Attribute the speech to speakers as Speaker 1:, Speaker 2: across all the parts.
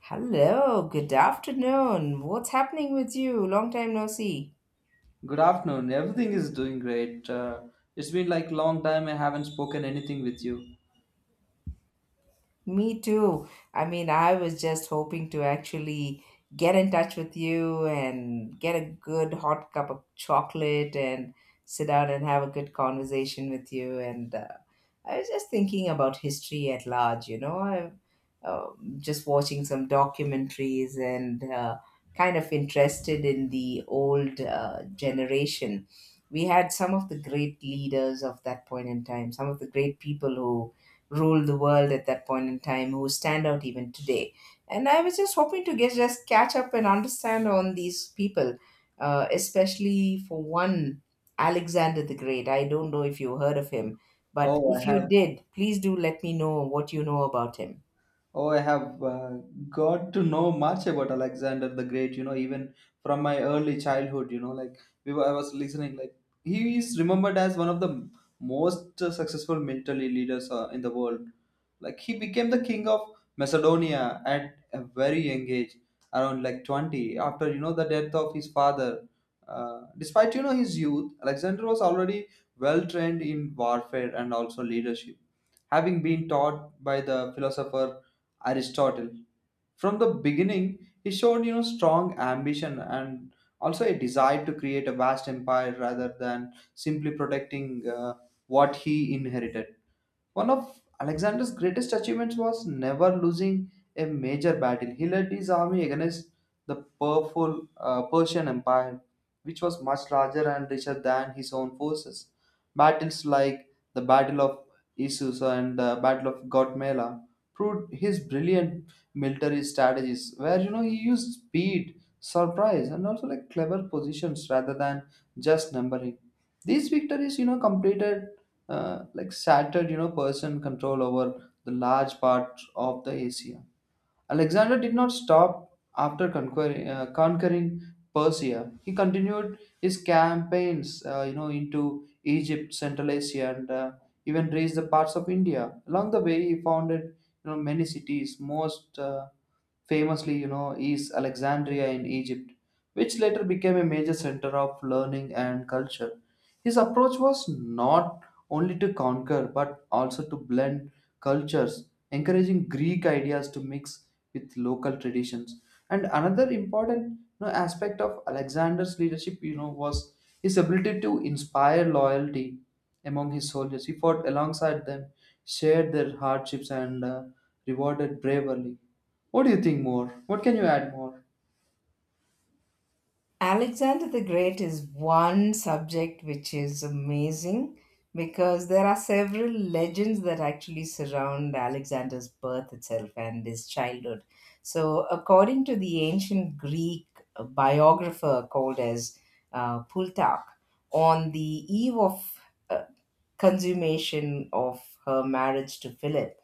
Speaker 1: Hello, good afternoon. What's happening with you? Long time no see.
Speaker 2: Good afternoon. Everything is doing great. It's been like long time I haven't spoken anything with you.
Speaker 1: Me too. I mean, I was just hoping to actually get in touch with you and get a good hot cup of chocolate and sit down and have a good conversation with you. And I was just thinking about history at large, you know, I'm just watching some documentaries and kind of interested in the old generation. We had some of the great leaders of that point in time, some of the great people who ruled the world at that point in time who stand out even today. And I was just hoping to get just catch up and understand on these people, especially for one, Alexander the Great. I don't know if you heard of him, but
Speaker 2: Oh, I
Speaker 1: if you
Speaker 2: have
Speaker 1: did, please do let me know what you know about him.
Speaker 2: Oh, I have got to know much about Alexander the Great, you know, even from my early childhood, you know, like I was listening, like he is remembered as one of the most successful military leaders in the world. Like he became the king of Macedonia at a very young age, around like 20, after, you know, the death of his father. Despite, you know, his youth, Alexander was already well trained in warfare and also leadership having been taught by the philosopher Aristotle. From the beginning, he showed you know strong ambition and also a desire to create a vast empire rather than simply protecting what he inherited. One of Alexander's greatest achievements was never losing a major battle. He led his army against the powerful Persian Empire, which was much larger and richer than his own forces. Battles like the Battle of Issus and the Battle of Gautamela proved his brilliant military strategies, where you know he used speed, surprise, and also like clever positions rather than just numbering. These victories, you know, completed like shattered you know Persian control over the large part of the Asia. Alexander did not stop after conquering Persia. He continued his campaigns you know into Egypt, Central Asia, and even reached the parts of India. Along the way, he founded you know many cities. Most famously, you know, is Alexandria in Egypt, which later became a major center of learning and culture. His approach was not only to conquer but also to blend cultures, encouraging Greek ideas to mix with local traditions. And another important you know, aspect of Alexander's leadership, you know, was his ability to inspire loyalty among his soldiers. He fought alongside them, shared their hardships, and rewarded bravery. What do you think more? What can you add more?
Speaker 1: Alexander the Great is one subject which is amazing because there are several legends that actually surround Alexander's birth itself and his childhood. So, according to the ancient Greek biographer called as Plutarch, on the eve of uh, consummation of her marriage to Philip,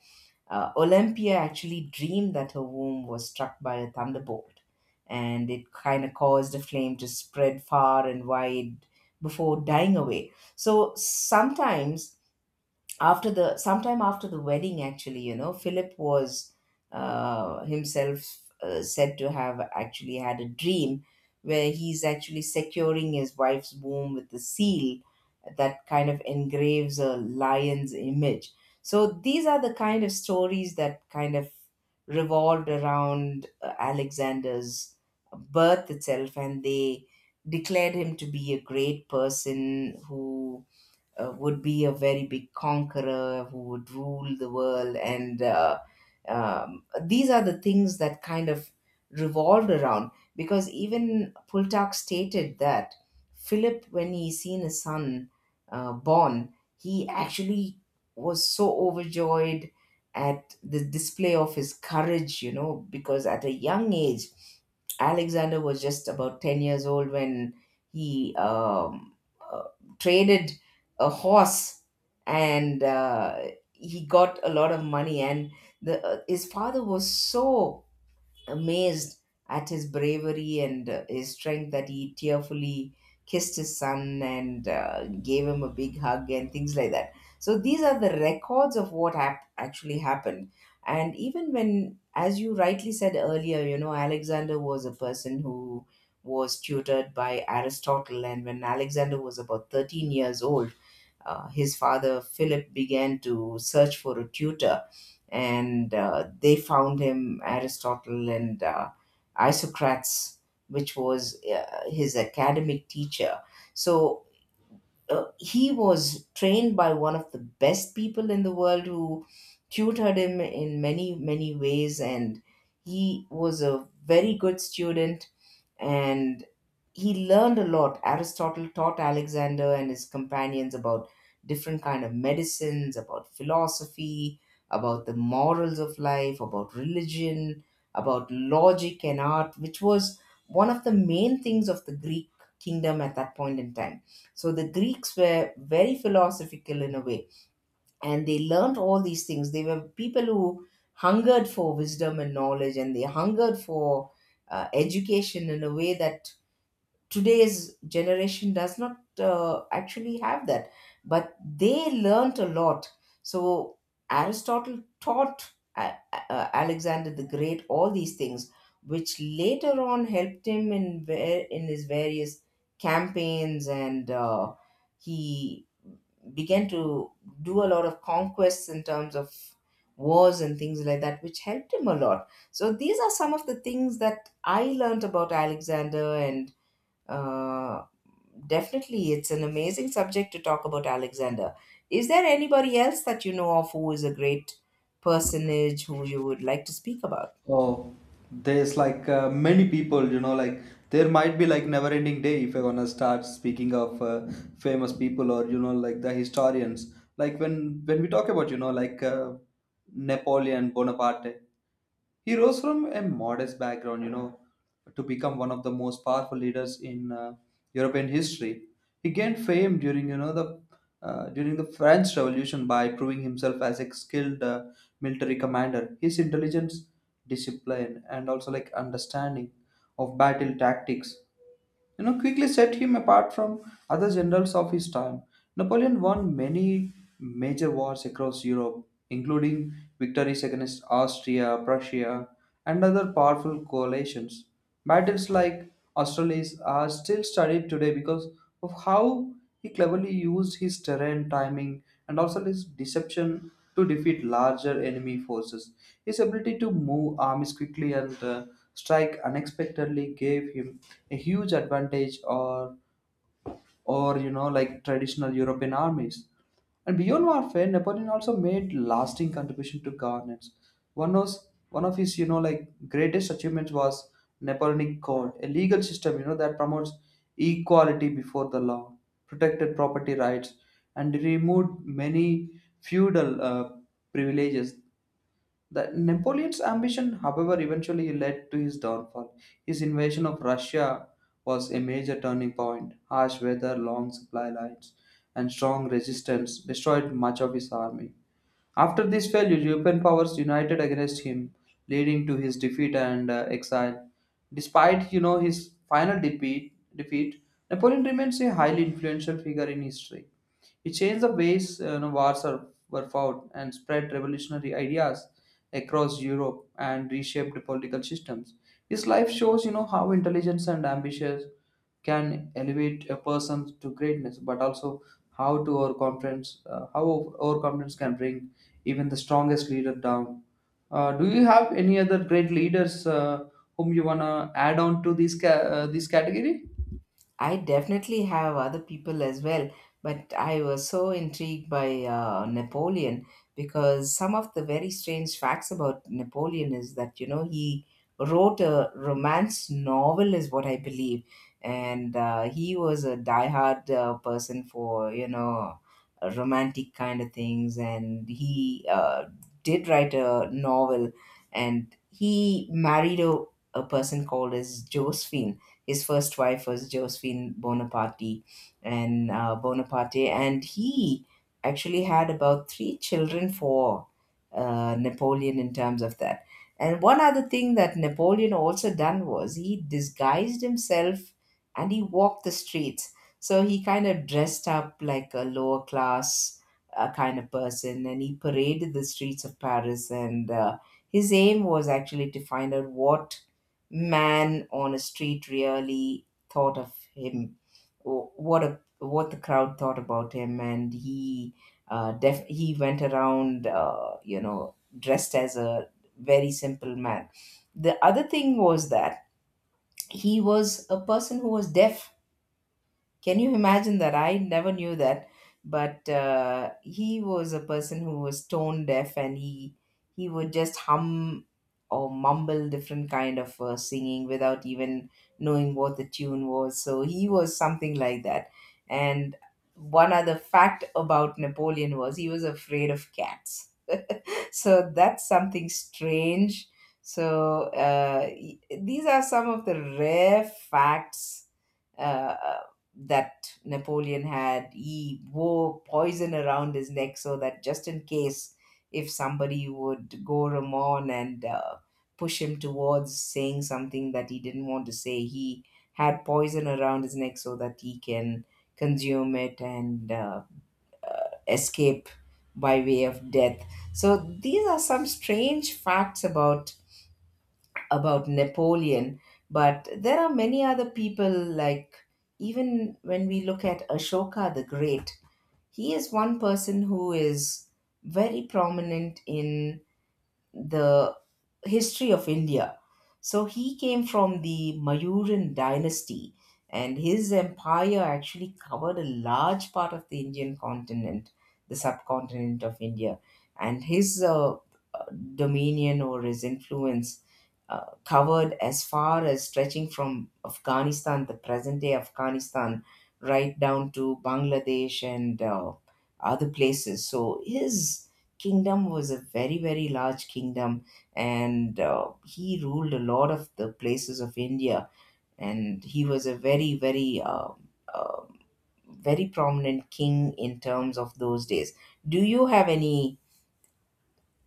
Speaker 1: Olympia actually dreamed that her womb was struck by a thunderbolt, and it kind of caused a flame to spread far and wide before dying away. So sometime after the wedding, actually, you know, Philip was, himself, said to have actually had a dream where he's actually securing his wife's womb with the seal that kind of engraves a lion's image. So these are the kind of stories that kind of revolved around Alexander's birth itself, and they declared him to be a great person who would be a very big conqueror who would rule the world. And These are the things that kind of revolved around. Because even Pultak stated that Philip, when he seen his son born, he actually was so overjoyed at the display of his courage, you know, because at a young age, Alexander was just about 10 years old when he uh, traded a horse, and he got a lot of money, and the his father was so amazed at his bravery and his strength that he tearfully kissed his son and gave him a big hug and things like that. So these are the records of what actually happened. And even, when as you rightly said earlier, you know, Alexander was a person who was tutored by Aristotle, and when Alexander was about 13 years old, his father, Philip, began to search for a tutor, and they found him Aristotle and Isocrates, which was his academic teacher. So he was trained by one of the best people in the world, who tutored him in many, many ways, and he was a very good student, and he learned a lot. Aristotle taught Alexander and his companions about different kind of medicines, about philosophy, about the morals of life, about religion, about logic and art, which was one of the main things of the Greek kingdom at that point in time. So the Greeks were very philosophical in a way, and they learned all these things. They were people who hungered for wisdom and knowledge, and they hungered for education in a way that today's generation does not actually have that. But they learnt a lot. So Aristotle taught Alexander the Great all these things, which later on helped him in in his various campaigns. And he began to do a lot of conquests in terms of wars and things like that, which helped him a lot. So these are some of the things that I learnt about Alexander. And uh, definitely, it's an amazing subject to talk about, Alexander. Is there anybody else that you know of who is a great personage who you would like to speak about?
Speaker 2: Oh, there's like many people, you know, like there might be like never ending day if you're gonna start speaking of famous people or you know like the historians. Like when we talk about you know like Napoleon Bonaparte, he rose from a modest background, you know, to become one of the most powerful leaders in European history. He gained fame during the French Revolution by proving himself as a skilled military commander. His intelligence, discipline, and also like understanding of battle tactics you know, quickly set him apart from other generals of his time. Napoleon won many major wars across Europe, including victories against Austria, Prussia, and other powerful coalitions. Battles like Austerlitz are still studied today because of how he cleverly used his terrain timing and also his deception to defeat larger enemy forces. His ability to move armies quickly and strike unexpectedly gave him a huge advantage or you know like traditional European armies. And beyond warfare, Napoleon also made lasting contribution to governance. One of his, you know, like greatest achievements was Napoleonic Code, a legal system, you know, that promotes equality before the law, protected property rights, and removed many feudal privileges. The Napoleon's ambition, however, eventually led to his downfall. His invasion of Russia was a major turning point. Harsh weather, long supply lines, and strong resistance destroyed much of his army. After this failure, European powers united against him, leading to his defeat and exile. Despite you know his final defeat, Napoleon remains a highly influential figure in history. He changed the ways you know, wars were fought and spread revolutionary ideas across Europe and reshaped political systems. His life shows, you know, how intelligence and ambition can elevate a person to greatness, but also how overconfidence can bring even the strongest leader down. Do you have any other great leaders whom you wanna add on to this category?
Speaker 1: I definitely have other people as well, but I was so intrigued by Napoleon because some of the very strange facts about Napoleon is that, you know, he wrote a romance novel, is what I believe. And he was a diehard person for, you know, romantic kind of things. And he did write a novel, and he married a person called as Josephine. His first wife was Josephine Bonaparte, and Bonaparte, and he actually had about three children for Napoleon in terms of that. And one other thing that Napoleon also done was he disguised himself and he walked the streets. So he kind of dressed up like a lower class kind of person, and he paraded the streets of Paris. And his aim was actually to find out what man on a street really thought of him, what the crowd thought about him, and he, he went around, you know, dressed as a very simple man. The other thing was that he was a person who was deaf. Can you imagine that? I never knew that. But he was a person who was tone deaf, and he would just hum or mumble different kind of singing without even knowing what the tune was. So he was something like that. And one other fact about Napoleon was he was afraid of cats so that's something strange. So these are some of the rare facts uh, that Napoleon had. He wore poison around his neck so that, just in case if somebody would go ramon and push him towards saying something that he didn't want to say, he had poison around his neck so that he can consume it and escape by way of death. So these are some strange facts about Napoleon. But there are many other people, like even when we look at Ashoka the Great, he is one person who is very prominent in the history of India. So he came from the Mayuran dynasty, and his empire actually covered a large part of the Indian continent, the subcontinent of India, and his dominion or his influence covered as far as stretching from Afghanistan, the present day Afghanistan, right down to Bangladesh and other places. So his kingdom was a very, very large kingdom, and he ruled a lot of the places of India, and he was a very, very, uh, very prominent king in terms of those days. Do you have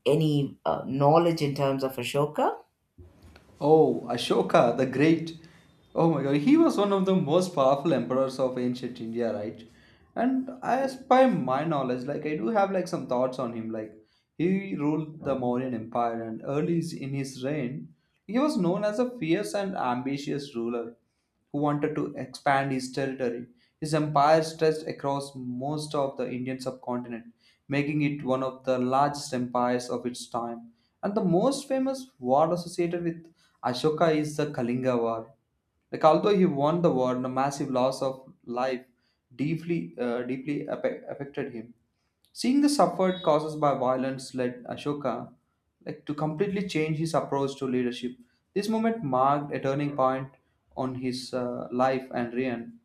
Speaker 1: any knowledge in terms of Ashoka?
Speaker 2: Oh, Ashoka the Great. Oh my God, he was one of the most powerful emperors of ancient India, right? And as by my knowledge, like I do have like some thoughts on him. Like he ruled the Mauryan Empire and early in his reign, he was known as a fierce and ambitious ruler who wanted to expand his territory. His empire stretched across most of the Indian subcontinent, making it one of the largest empires of its time. And the most famous war associated with Ashoka is the Kalinga War. Like although he won the war, the massive loss of life deeply, affected him. Seeing the suffered causes by violence led Ashoka like, to completely change his approach to leadership. This moment marked a turning point on his life and reign.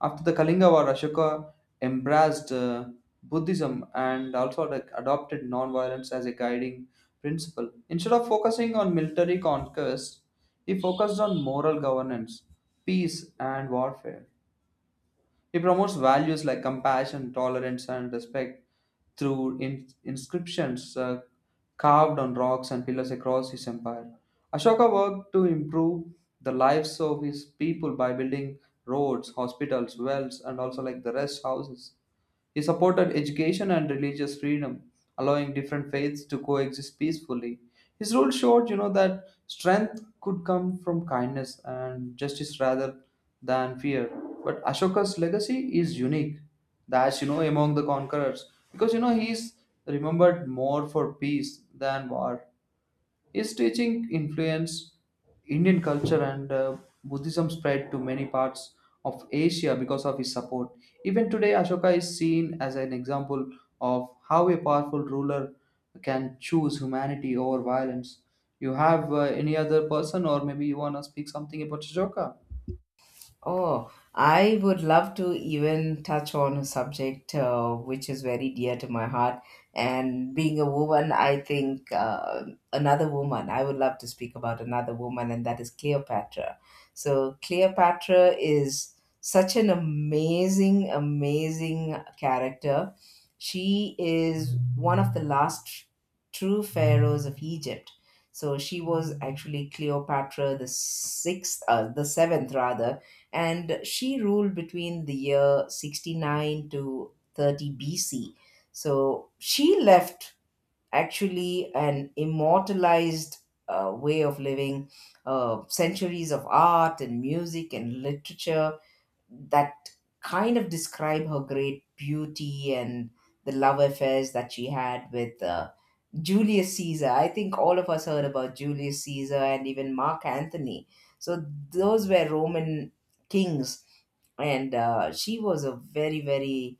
Speaker 2: After the Kalinga War, Ashoka embraced Buddhism and also like, adopted non-violence as a guiding principle. Instead of focusing on military conquest, he focused on moral governance, peace, and warfare. He promotes values like compassion, tolerance, and respect through inscriptions carved on rocks and pillars across his empire. Ashoka worked to improve the lives of his people by building roads, hospitals, wells, and also like the rest houses. He supported education and religious freedom, allowing different faiths to coexist peacefully. His rule showed, you know, that strength could come from kindness and justice rather than fear. But Ashoka's legacy is unique. That's, you know, among the conquerors because, you know, he's remembered more for peace than war. His teaching influenced Indian culture and Buddhism spread to many parts of Asia because of his support. Even today, Ashoka is seen as an example of how a powerful ruler can choose humanity over violence. You have any other person, or maybe you want to speak something about Ashoka?
Speaker 1: Oh, I would love to even touch on a subject which is very dear to my heart. And being a woman, I think, another woman, I would love to speak about another woman, and that is Cleopatra. So, Cleopatra is such an amazing, amazing character. She is one of the last true pharaohs of Egypt. So she was actually Cleopatra the sixth, the seventh rather, and she ruled between the year 69 to 30 BC. So she left actually an immortalized way of living, centuries of art and music and literature that kind of describe her great beauty and the love affairs that she had with. Julius Caesar. I think all of us heard about Julius Caesar and even Mark Anthony. So those were Roman kings, and she was a very, very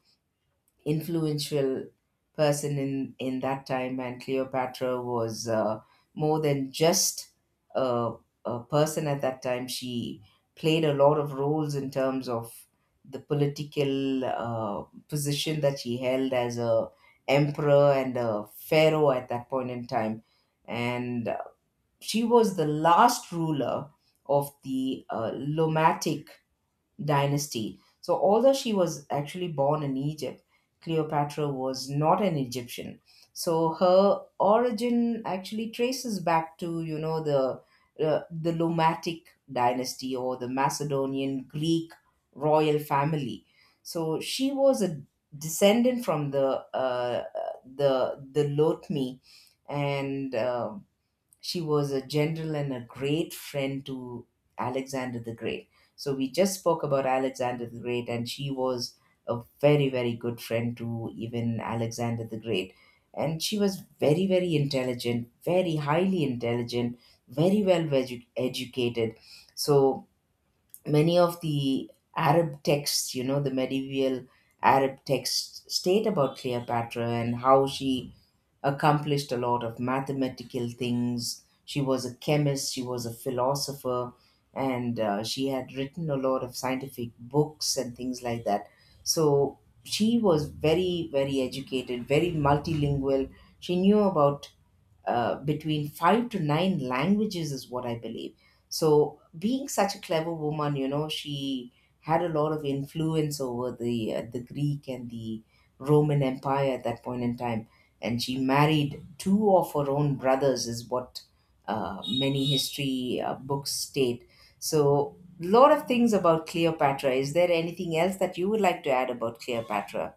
Speaker 1: influential person in that time. And Cleopatra was, more than just a, a person at that time. She played a lot of roles in terms of the political position that she held as a emperor and a pharaoh at that point in time. And she was the last ruler of the lomatic dynasty. So, although she was actually born in Egypt, Cleopatra was not an Egyptian. So, her origin actually traces back to, you know, the Lomatic dynasty or the Macedonian Greek royal family. So, she was a descendant from the the Lotmi, and she was a general and a great friend to Alexander the Great. So we just spoke about Alexander the Great, and she was a very, very good friend to even Alexander the Great. And she was very, very intelligent, very highly intelligent, very well educated. So many of the Arab texts, you know, the medieval Arab texts, state about Cleopatra and how she accomplished a lot of mathematical things. She was a chemist, she was a philosopher, and she had written a lot of scientific books and things like that. So she was very, very educated, very multilingual. She knew about between 5 to 9 languages is what I believe. So being such a clever woman, you know, she had a lot of influence over the Greek and the Roman Empire at that point in time. And she married two of her own brothers is what many history books state. So lot of things about Cleopatra. Is there anything else that you would like to add about Cleopatra?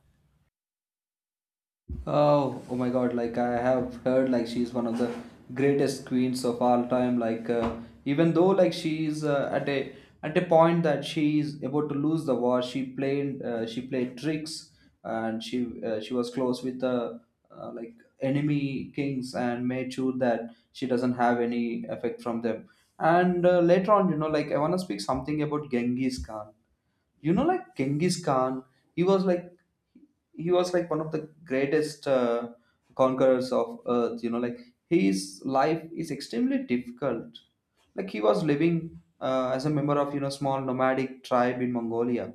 Speaker 2: Oh, oh my God! Like I have heard, like she's one of the greatest queens of all time. Like even though like she's at a point that she is about to lose the war, she played tricks, and she was close with the like enemy kings and made sure that she doesn't have any effect from them. And later on, you know, like I want to speak something about Genghis Khan. You know like Genghis Khan, he was like he was like one of the greatest conquerors of earth. You know like his life is extremely difficult. Like he was living as a member of you know small nomadic tribe in Mongolia.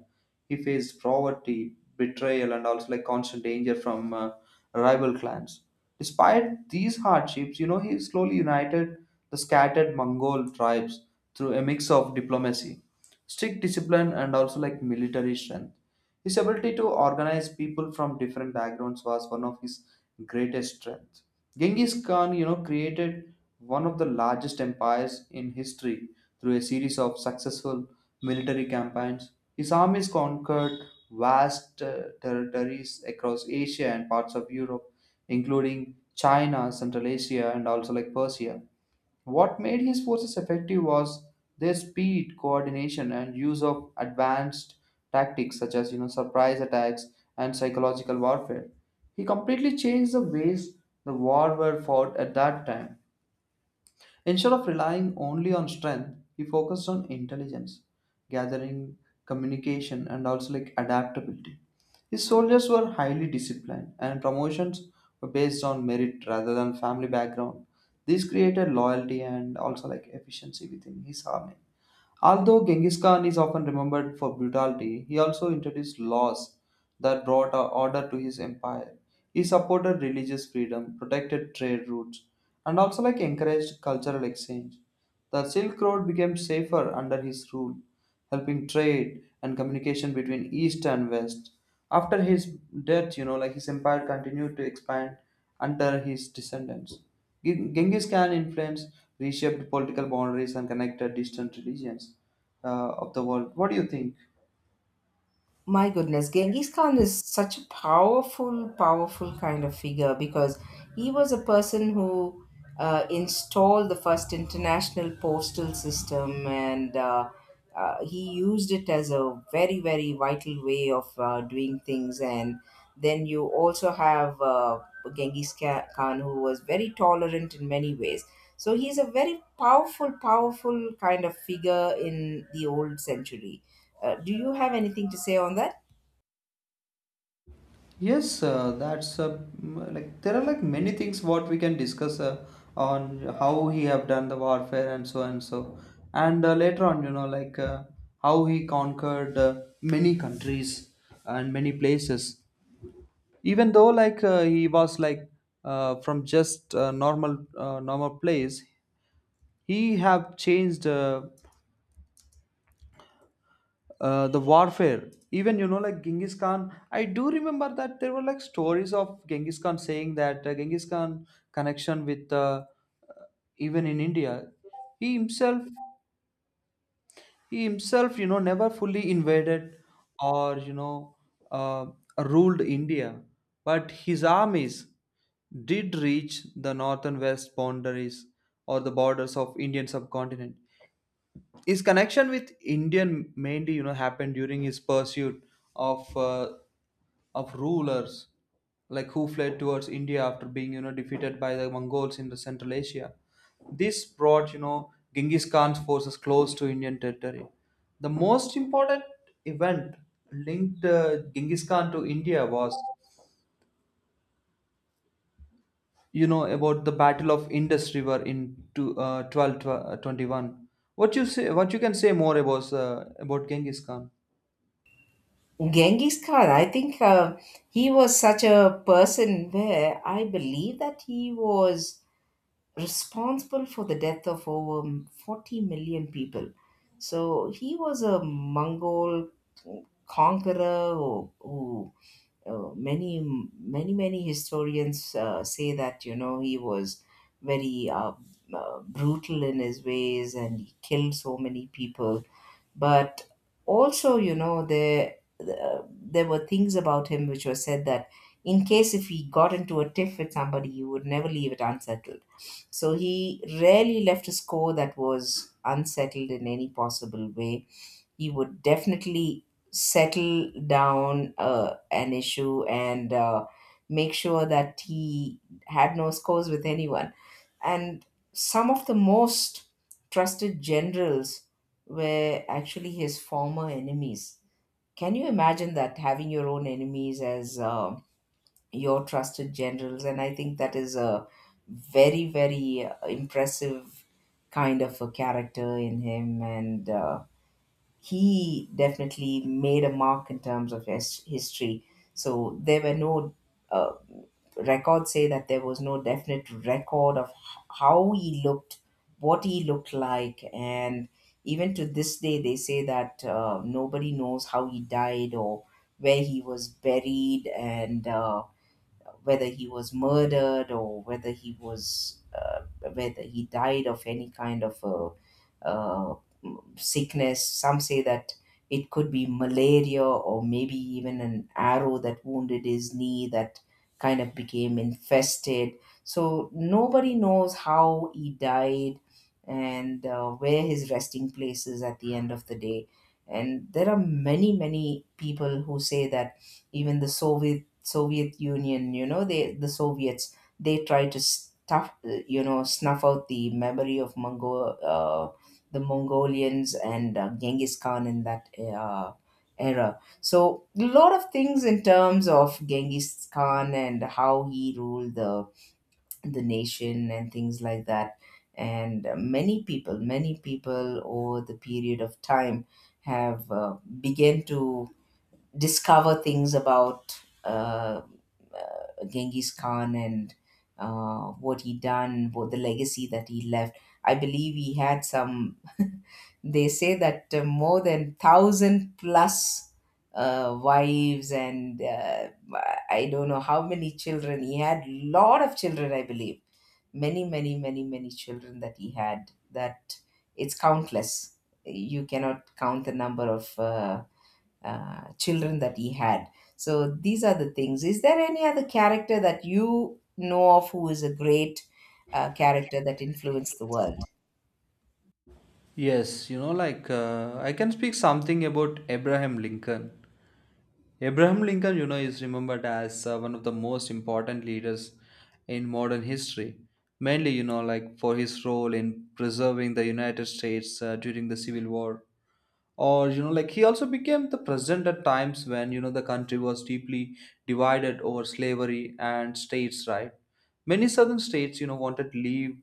Speaker 2: He faced poverty, betrayal, and also like constant danger from rival clans. Despite these hardships, you know, he slowly united the scattered Mongol tribes through a mix of diplomacy, strict discipline, and also like military strength. His ability to organize people from different backgrounds was one of his greatest strengths. Genghis Khan, you know, created one of the largest empires in history through a series of successful military campaigns. His armies conquered vast territories across Asia and parts of Europe, including China, Central Asia, and also like Persia. What made his forces effective was their speed, coordination, and use of advanced tactics such as you know surprise attacks and psychological warfare. He completely changed the ways the war were fought at that time. Instead of relying only on strength, he focused on intelligence, gathering, communication, and also like adaptability. His soldiers were highly disciplined, and promotions were based on merit rather than family background. This created loyalty and also like efficiency within his army. Although Genghis Khan is often remembered for brutality, he also introduced laws that brought order to his empire. He supported religious freedom, protected trade routes, and also like encouraged cultural exchange. The Silk Road became safer under his rule helping trade and communication between East and West. After his death, you know, like his empire continued to expand under his descendants. Genghis Khan influence reshaped political boundaries and connected distant regions of the world. What do you think?
Speaker 1: My goodness, Genghis Khan is such a powerful, powerful kind of figure because he was a person who installed the first international postal system, and he used it as a very, very vital way of doing things. And then you also have Genghis Khan who was very tolerant in many ways. So he's a very powerful, powerful kind of figure in the old century. Do you have anything to say on that?
Speaker 2: Yes, that's like there are like many things what we can discuss on how he have done the warfare and so and so, and later on you know like how he conquered many countries and many places. Even though like he was like from just normal place, he have changed the warfare even you know like Genghis Khan. I do remember that there were like stories of Genghis Khan saying that Genghis Khan connection with uh, even in India, he himself he himself you know never fully invaded or you know uh, ruled India, but his armies did reach the north and west boundaries or the borders of Indian subcontinent. His connection with Indian mainly, you know, happened during his pursuit of uh, of rulers like who fled towards India after being, you know, defeated by the Mongols in the Central Asia. This brought, you know, Genghis Khan's forces close to Indian territory. The most important event linked Genghis Khan to India was, you know, about the Battle of Indus River in 1221. What you say? What you can say more about Genghis Khan?
Speaker 1: Genghis Khan, I think he was such a person where I believe that he was responsible for the death of over 40 million people. So he was a Mongol conqueror who uh, many many historians say that, you know, he was very brutal in his ways and he killed so many people. But also, you know, there were things about him which were said that in case if he got into a tiff with somebody, he would never leave it unsettled. So he rarely left a score that was unsettled in any possible way. You would definitely settle down an issue and make sure that he had no scores with anyone. And some of the most trusted generals were actually his former enemies. Can you imagine that, having your own enemies as your trusted generals? And I think that is a very, very impressive kind of a character in him. And he definitely made a mark in terms of his history. So there were no uh, records, say that there was no definite record of how he looked, what he looked like. And even to this day, they say that nobody knows how he died or where he was buried and. Whether he was murdered or whether he was whether he died of any kind of a, sickness. Some say that it could be malaria or maybe even an arrow that wounded his knee that kind of became infested. So nobody knows how he died, and where his resting place is at the end of the day. And there are many, many people who say that even the Soviet Union, you know, the Soviets, they try to stuff, you know, snuff out the memory of the Mongolians and Genghis Khan in that era. So a lot of things in terms of Genghis Khan and how he ruled the nation and things like that. And many people over the period of time have began to discover things about uh, Genghis Khan and what he done, what the legacy that he left. I believe he had some. They say that more than thousand plus wives and I don't know how many children he had. Lot of children, I believe. Many, many, many, many children that he had. That it's countless. You cannot count the number of. Children that he had. So these are the things. Is there any other character that you know of who is a great character that influenced the world?
Speaker 2: Yes, you know, like I can speak something about Abraham Lincoln. Abraham Lincoln, you know, is remembered as one of the most important leaders in modern history, mainly, you know, like for his role in preserving the United States during the Civil War. Or you know like he also became the president at times when you know the country was deeply divided over slavery and states right. Many southern states you know wanted to leave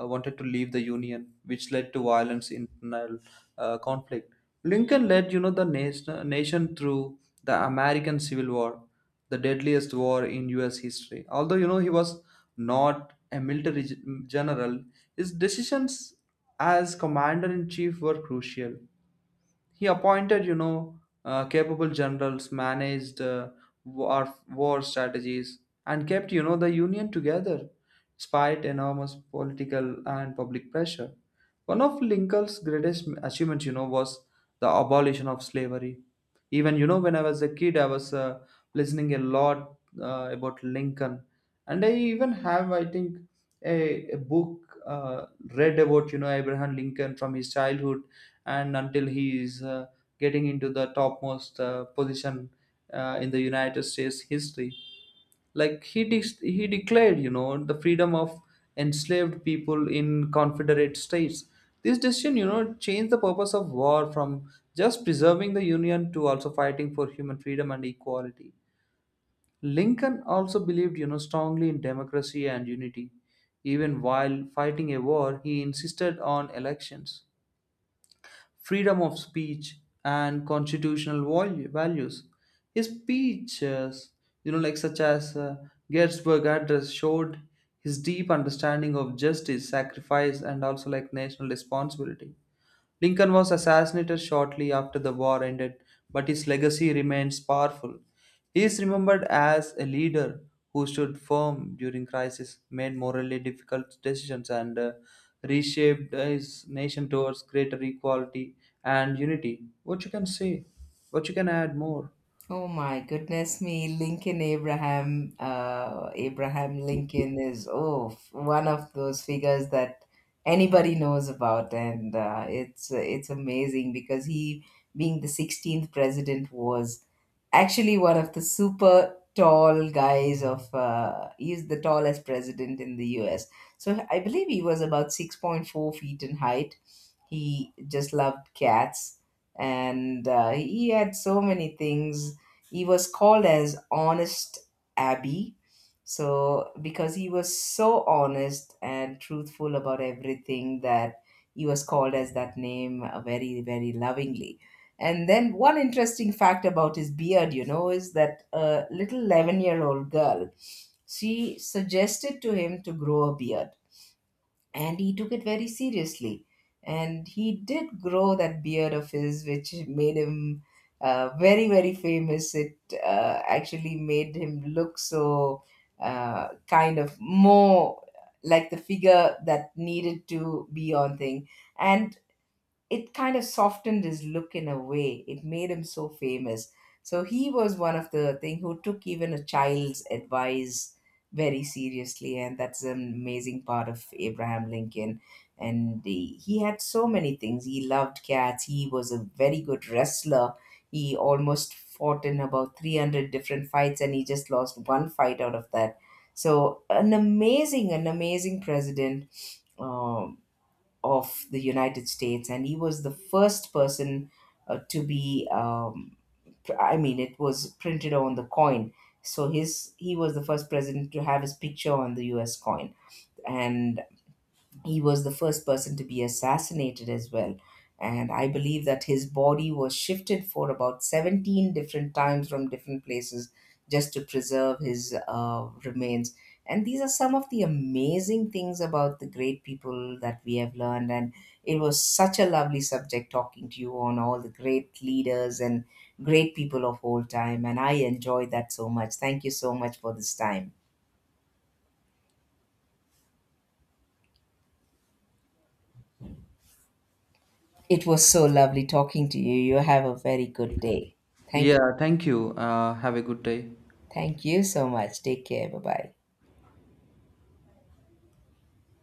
Speaker 2: uh, wanted to leave the union, which led to violence, internal conflict. Lincoln led, you know, the nation through the American Civil War, the deadliest war in US history. Although you know he was not a military general, his decisions as commander in chief were crucial. He appointed, you know, capable generals, managed war strategies, and kept, you know, the union together despite enormous political and public pressure. One of Lincoln's greatest achievements, you know, was the abolition of slavery. Even, you know, when I was a kid, I was listening a lot about Lincoln, and I even have, I think, a book read about you know Abraham Lincoln from his childhood and until he is getting into the topmost position in the United States history. Like he declared, you know, the freedom of enslaved people in Confederate states. This decision, you know, changed the purpose of war from just preserving the union to also fighting for human freedom and equality. Lincoln also believed, you know, strongly in democracy and unity. Even while fighting a war, he insisted on elections, freedom of speech, and constitutional values. His speeches, you know, like such as Gettysburg Address, showed his deep understanding of justice, sacrifice, and also like national responsibility. Lincoln was assassinated shortly after the war ended, but his legacy remains powerful. He is remembered as a leader who stood firm during crisis, made morally difficult decisions, and reshaped his nation towards greater equality and unity. What you can say? What you can add more?
Speaker 1: Oh my goodness me, Lincoln Abraham, Abraham Lincoln is oh one of those figures that anybody knows about. And it's amazing because he, being the 16th president, was actually one of the super tall guys of he's the tallest president in the US. So I believe he was about 6.4 feet in height. He just loved cats, and he had so many things. He was called as Honest Abby. So because he was so honest and truthful about everything, that he was called as that name very, very lovingly. And then, one interesting fact about his beard, you know, is that a little 11-year-old girl, she suggested to him to grow a beard, and he took it very seriously, and he did grow that beard of his, which made him very very famous. It actually made him look so kind of more like the figure that needed to be on thing. And it kind of softened his look in a way. It made him so famous. So he was one of the thing who took even a child's advice very seriously, and that's an amazing part of Abraham Lincoln. And he had so many things. He loved cats. He was a very good wrestler. He almost fought in about 300 different fights, and he just lost one fight out of that. So an amazing president. Um of the United States. And he was the first person to be. I mean, it was printed on the coin, so his he was the first president to have his picture on the U.S. coin. And he was the first person to be assassinated as well. And I believe that his body was shifted for about 17 different times from different places just to preserve his remains. And these are some of the amazing things about the great people that we have learned. And it was such a lovely subject talking to you on all the great leaders and great people of old time. And I enjoyed that so much. Thank you so much for this time. It was so lovely talking to you. You have a very good day. Thank you.
Speaker 2: Yeah, thank you. Have a good day.
Speaker 1: Thank you so much. Take care. Bye bye.